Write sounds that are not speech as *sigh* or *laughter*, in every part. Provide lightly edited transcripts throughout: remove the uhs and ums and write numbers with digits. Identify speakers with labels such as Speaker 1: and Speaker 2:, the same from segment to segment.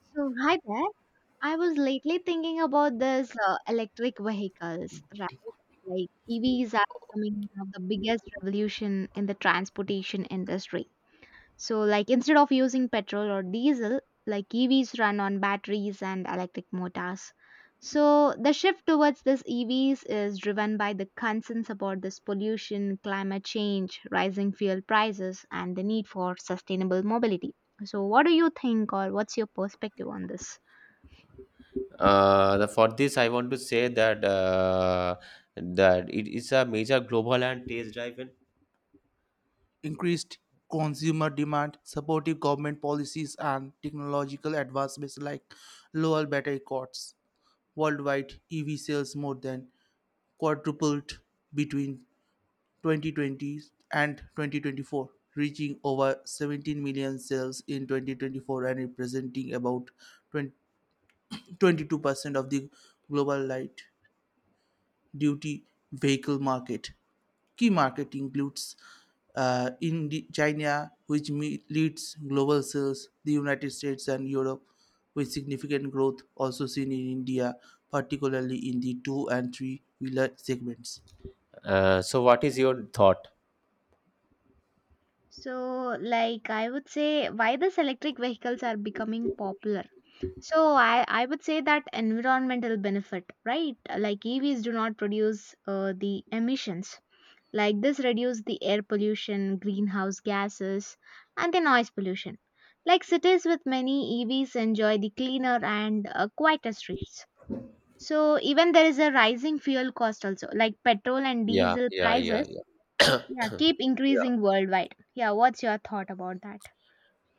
Speaker 1: So, hi there. I was lately thinking about this electric vehicles, right? Like EVs are becoming one of the biggest revolution in the transportation industry. So, like instead of using petrol or diesel, like EVs run on batteries and electric motors. So, the shift towards this EVs is driven by the concerns about this pollution, climate change, rising fuel prices, and the need for sustainable mobility. So, what do you think, or what's your perspective on this?
Speaker 2: For this, I want to say that it is a major global and taste-driven. Increased consumer demand, supportive government policies, and technological advancements like lower battery costs. Worldwide, EV sales more than quadrupled between 2020 and 2024, reaching over 17 million sales in 2024 and representing about 20, 22% of the global light duty vehicle market. Key market includes in China, which leads global sales, the United States and Europe, with significant growth also seen in India, particularly in the two and three wheeler segments. So what is your thought?
Speaker 1: So, like I would say, why these electric vehicles are becoming popular? So I would say that environmental benefit, right? Like EVs do not produce the emissions. Like this reduce the air pollution, greenhouse gases, and the noise pollution. Like cities with many EVs enjoy the cleaner and quieter streets. So even there is a rising fuel cost also, like petrol and
Speaker 2: Yeah,
Speaker 1: diesel
Speaker 2: yeah, yeah,
Speaker 1: prices.
Speaker 2: yeah. *coughs*
Speaker 1: Yeah,
Speaker 2: Yeah.
Speaker 1: keep increasing worldwide. Yeah, what's your thought about that?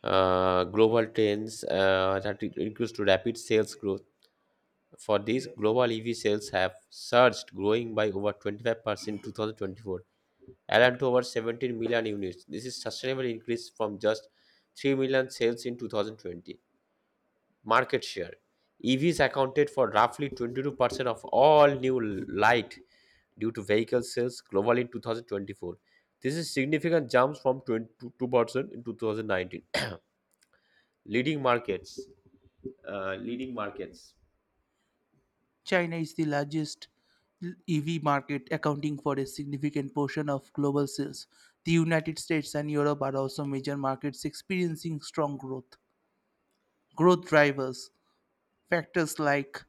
Speaker 2: Global trends that includes to rapid sales growth. For these, global EV sales have surged, growing by over 25% in 2024, adding to over 17 million units. This is sustainable increase from just 3 million sales in 2020. Market share. EVs accounted for roughly 22% of all new light due to vehicle sales globally in 2024. This is significant jumps from 22% in 2019. *coughs* *clears throat* Leading markets. Leading markets. China is the largest EV market, accounting for a significant portion of global sales. The United States and Europe are also major markets experiencing strong growth. Growth drivers factors like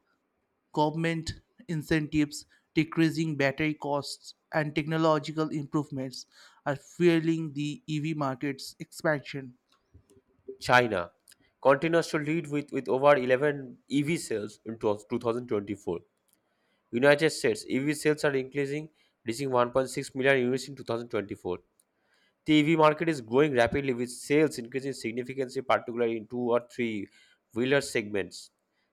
Speaker 2: government incentives, decreasing battery costs, and technological improvements are fueling the EV market's expansion. China continues to lead with over 11 EV sales in 12 2024, United States EV sales are increasing, reaching 1.6 million units in 2024. The EV market is growing rapidly with sales increasing significantly, particularly in two or three wheeler segments.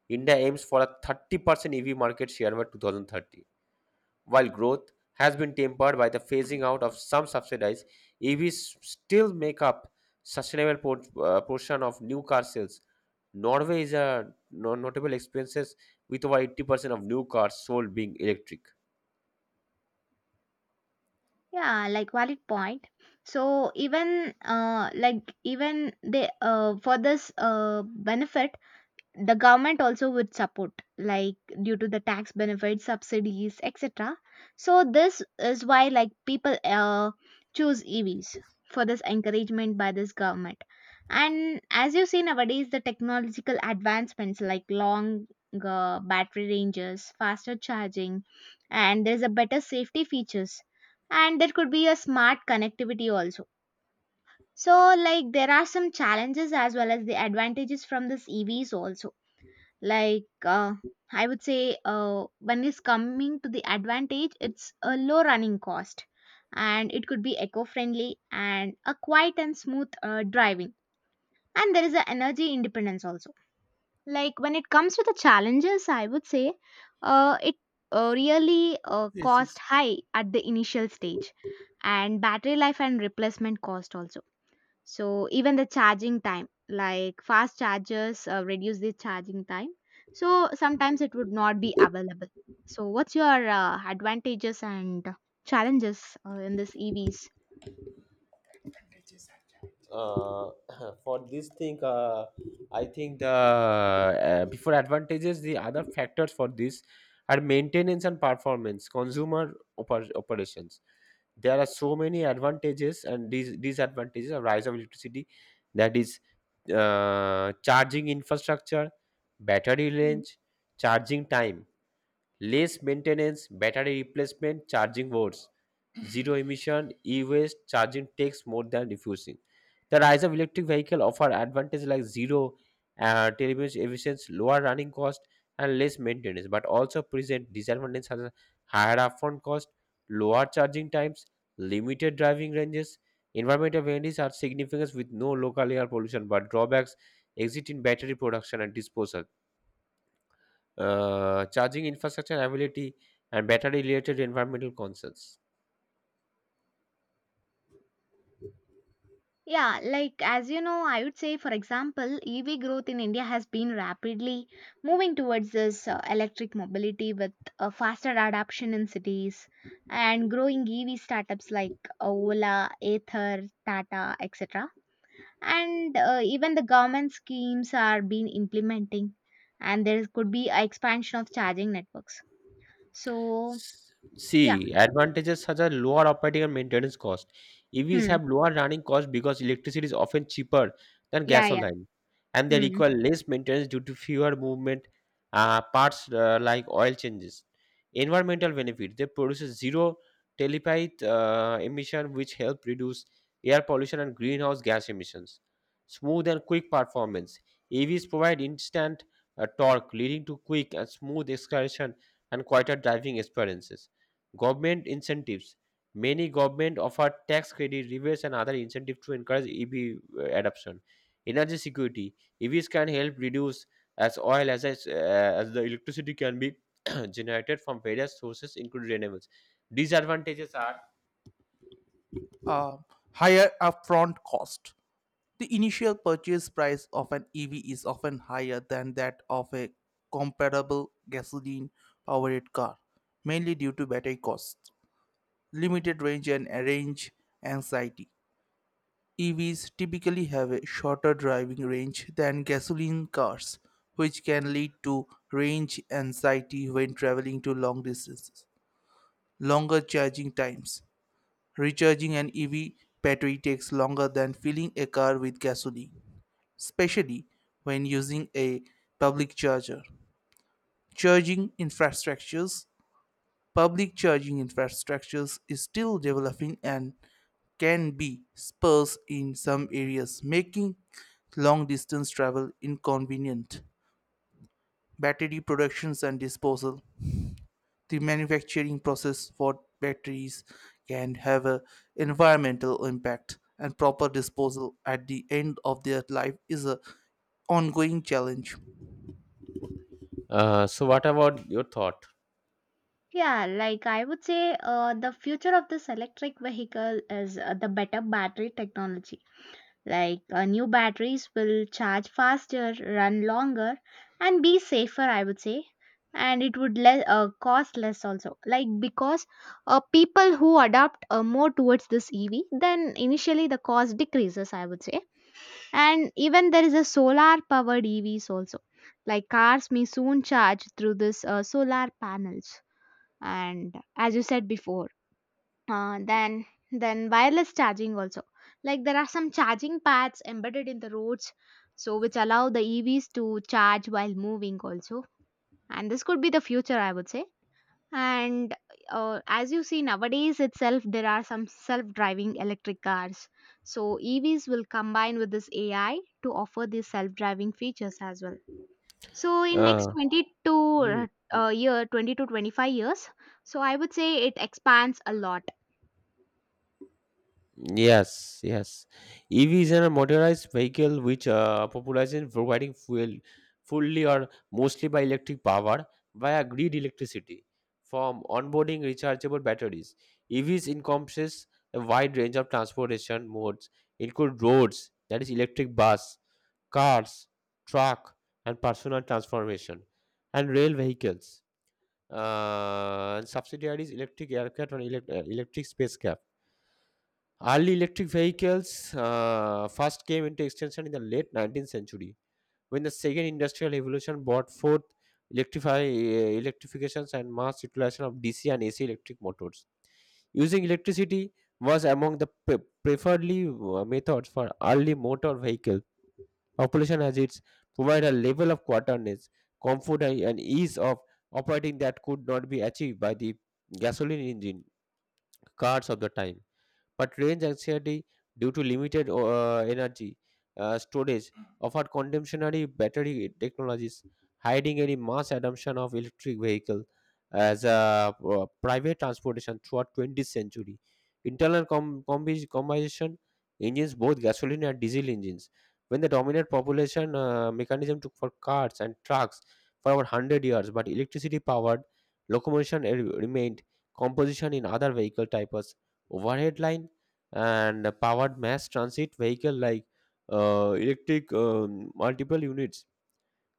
Speaker 2: India aims for a 30% EV market share by 2030. While growth has been tempered by the phasing out of some subsidies, EVs still make up sustainable portion of new car sales. Norway is a notable experiences with over 80% of new cars sold being electric.
Speaker 1: Yeah, like valid point. So even like even they for this benefit, the government also would support, like due to the tax benefits subsidies etc. So this is why like people choose evs for this encouragement by this government. And as you see nowadays the technological advancements like long battery ranges, faster charging, and there's a better safety features, and there could be a smart connectivity also. So like there are some challenges as well as the advantages from this evs also. Like I would say, when it's coming to the advantage it's a low running cost, and it could be eco-friendly and a quiet and smooth driving, and there is an energy independence also. Like when it comes to the challenges I would say, it really
Speaker 2: Yes,
Speaker 1: cost
Speaker 2: yes.
Speaker 1: high at the initial stage, and battery life and replacement cost also. So even the charging time, like fast chargers reduce the charging time. So sometimes it would not be available. So what's your advantages and challenges in this EVs?
Speaker 2: uh, *clears throat* for this thing, I think the before advantages, the other factors for this are maintenance and performance, consumer operations. There are so many advantages and these disadvantages of rise of electricity, that is charging infrastructure, battery
Speaker 1: Hmm.
Speaker 2: range, charging time, less maintenance, battery replacement, charging boards, zero emission, e-waste, charging takes more than refusing. The rise of electric vehicle offer advantages like zero turbulence emissions, lower running cost, and less maintenance, but also present disadvantages such as higher upfront cost, lower charging times, limited driving ranges. Environmental benefits are significant with no local air pollution, but drawbacks exist in battery production and disposal, charging infrastructure availability, and battery-related environmental concerns.
Speaker 1: Yeah, like as you know, I would say, for example, EV growth in India has been rapidly moving towards this electric mobility with a faster adoption in cities, and growing EV startups like Ola, Ather, Tata, etc. And even the government schemes are being implementing, and there could be a expansion of charging networks. So yeah.
Speaker 2: See, advantages such as lower operating and maintenance cost. EVs
Speaker 1: Hmm.
Speaker 2: have lower running costs because electricity is often cheaper than
Speaker 1: Yeah, yeah.
Speaker 2: gasoline, and they
Speaker 1: Hmm.
Speaker 2: require less maintenance due to fewer movement parts like oil changes. Environmental benefit: they produce a zero tailpipe emission, which help reduce air pollution and greenhouse gas emissions. Smooth and quick performance: EVs provide instant torque, leading to quick and smooth acceleration and quieter driving experiences. Government incentives. Many government offer tax credit, rebates, and other incentives to encourage EV adoption. Energy security. EVs can help reduce as oil as the electricity can be *coughs* *clears throat* generated from various sources, including renewables. Disadvantages are uh, higher upfront cost. The initial purchase price of an EV is often higher than that of a comparable gasoline powered car, mainly due to battery costs, limited range, and range anxiety. EVs typically have a shorter driving range than gasoline cars, which can lead to range anxiety when traveling to long distances. Longer charging times. Recharging an EV battery takes longer than filling a car with gasoline, especially when using a public charger. Charging infrastructures, public charging infrastructures is still developing and can be sparse in some areas, making long distance travel inconvenient. Battery productions and disposal. The manufacturing process for batteries can have an environmental impact, and proper disposal at the end of their life is a ongoing challenge. So what about your thought?
Speaker 1: Yeah, like I would say the future of this electric vehicle is the better battery technology. Like new batteries will charge faster, run longer, and be safer, I would say. And it would cost less also. Like because people who adapt more towards this EV, then initially the cost decreases, I would say. And even there is a solar powered EVs also. Like cars may soon charge through this solar panels. And as you said before, uh, then then wireless charging also, like there are some charging pads embedded in the roads, so which allow the evs to charge while moving also, and this could be the future I would say. And as you see nowadays itself there are some self driving electric cars, so evs will combine with this ai to offer these self driving features as well. So in next
Speaker 2: Uh,
Speaker 1: 20
Speaker 2: Hmm.
Speaker 1: to uh, year 20 to 25 years, so I would say it expands a lot.
Speaker 2: Yes, yes. EVs are a motorized vehicle which popularize providing fuel fully or mostly by electric power via grid electricity from onboarding rechargeable batteries. EVs encompasses a wide range of transportation modes, include roads, that is electric bus, cars, truck, and personal transformation, and rail vehicles. And subsidiaries electric aircraft and electric spacecraft. Early electric vehicles first came into extension in the late 19th century when the second industrial revolution brought forth electrifications and mass utilization of DC and AC electric motors. Using electricity was among the preferred methods for early motor vehicle population as it provide a level of quarterness, comfort and ease of operating that could not be achieved by the gasoline engine cars of the time, but range anxiety due to limited energy storage offered contemporary battery technologies hiding any mass adoption of electric vehicle as a private transportation throughout 20th century. Internal combustion engines, both gasoline and diesel engines, when the dominant population mechanism took for cars and trucks for over 100 years, but electricity powered locomotion remained composition in other vehicle types, overhead line and powered mass transit vehicle like electric multiple units,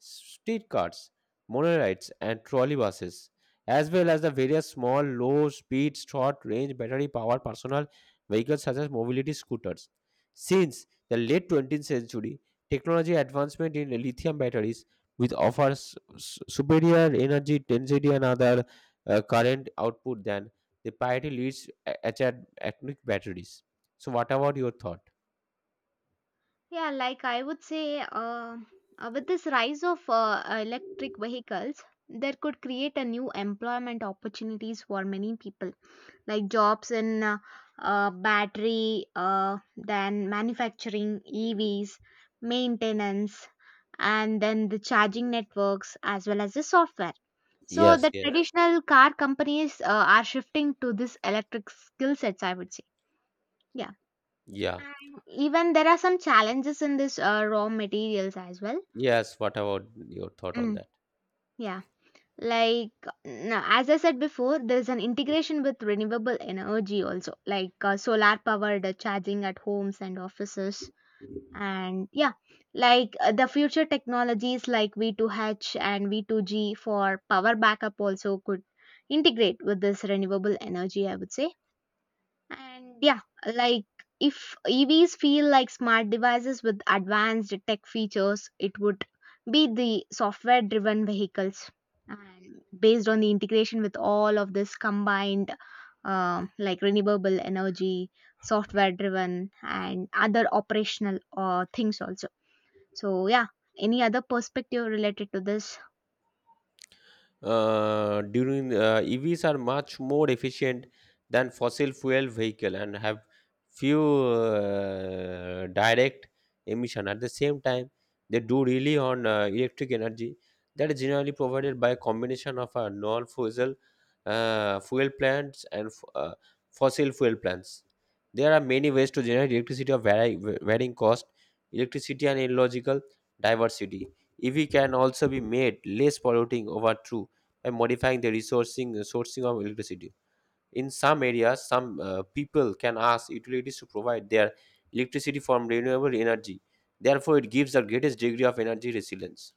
Speaker 2: streetcars, monorails, and trolleybuses, as well as the various small, low speed, short range battery powered personal vehicles such as mobility scooters. Since the late 20th century, technology advancement in lithium batteries which offers superior energy density and other current output than the priority leads atomic batteries. So, what about your thought?
Speaker 1: Yeah, like I would say, with this rise of electric vehicles, there could create a new employment opportunities for many people, like jobs in battery, then manufacturing, EVs, maintenance, and then the charging networks as well as the software. So
Speaker 2: Yes,
Speaker 1: the
Speaker 2: yes,
Speaker 1: traditional car companies are shifting to this electric skill sets, I would say. Yeah.
Speaker 2: yeah,
Speaker 1: And even there are some challenges in this raw materials as well.
Speaker 2: yes. What about your thought on
Speaker 1: Mm,
Speaker 2: that?
Speaker 1: yeah. Like, no, as I said before, there's an integration with renewable energy also, like solar powered charging at homes and offices. And yeah, like the future technologies like V2H and V2G for power backup also could integrate with this renewable energy, I would say. And yeah, like if EVs feel like smart devices with advanced tech features, it would be the software driven vehicles. And based on the integration with all of this combined, like renewable energy, software driven, and other operational things also. So, yeah, any other perspective related to this?
Speaker 2: During EVs are much more efficient than fossil fuel vehicle and have few direct emission. At the same time, they do really on electric energy that is generally provided by a combination of a non-fossil fuel plants and fossil fuel plants. There are many ways to generate electricity of varying cost, electricity and illogical diversity. EV can also be made less polluting over true and modifying the resourcing sourcing of electricity. In some areas, some people can ask utilities to provide their electricity from renewable energy. Therefore, it gives the greatest degree of energy resilience.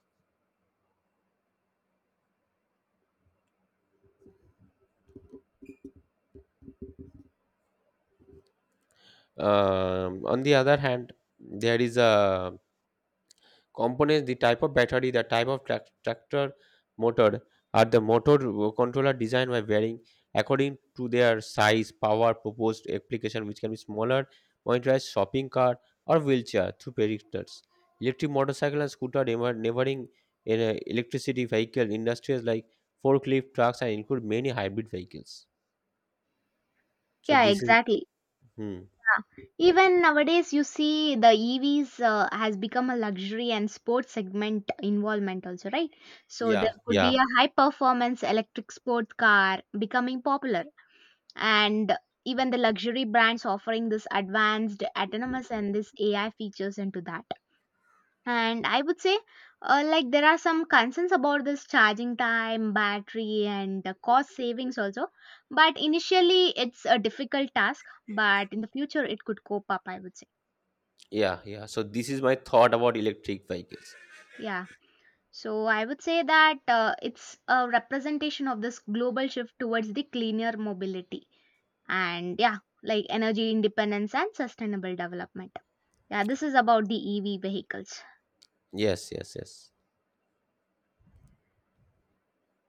Speaker 2: On the other hand, there is a components, the type of battery, the type of tractor motor, are the motor controller designed by varying according to their size power proposed application, which can be smaller motorized shopping cart or wheelchair through predictors electric motorcycle and scooter never neighboring in a electricity vehicle industries like forklift trucks and include many hybrid vehicles. So
Speaker 1: Yeah,
Speaker 2: this is
Speaker 1: exactly.
Speaker 2: hmm,
Speaker 1: Even nowadays, you see the EVs has become a luxury and sports segment involvement also, right? So there
Speaker 2: yeah,
Speaker 1: could be
Speaker 2: yeah,
Speaker 1: a high performance electric sport car becoming popular, and even the luxury brands offering this advanced autonomous and this AI features into that. And I would say, like, there are some concerns about this charging time, battery, and cost savings also. But initially, it's a difficult task, but in the future, it could cope up, I would say.
Speaker 2: yeah, yeah, so this is my thought about electric vehicles.
Speaker 1: Yeah. So I would say that it's a representation of this global shift towards the cleaner mobility and, yeah, like energy independence and sustainable development. Yeah, this is about the EV vehicles.
Speaker 2: Yes, yes, yes.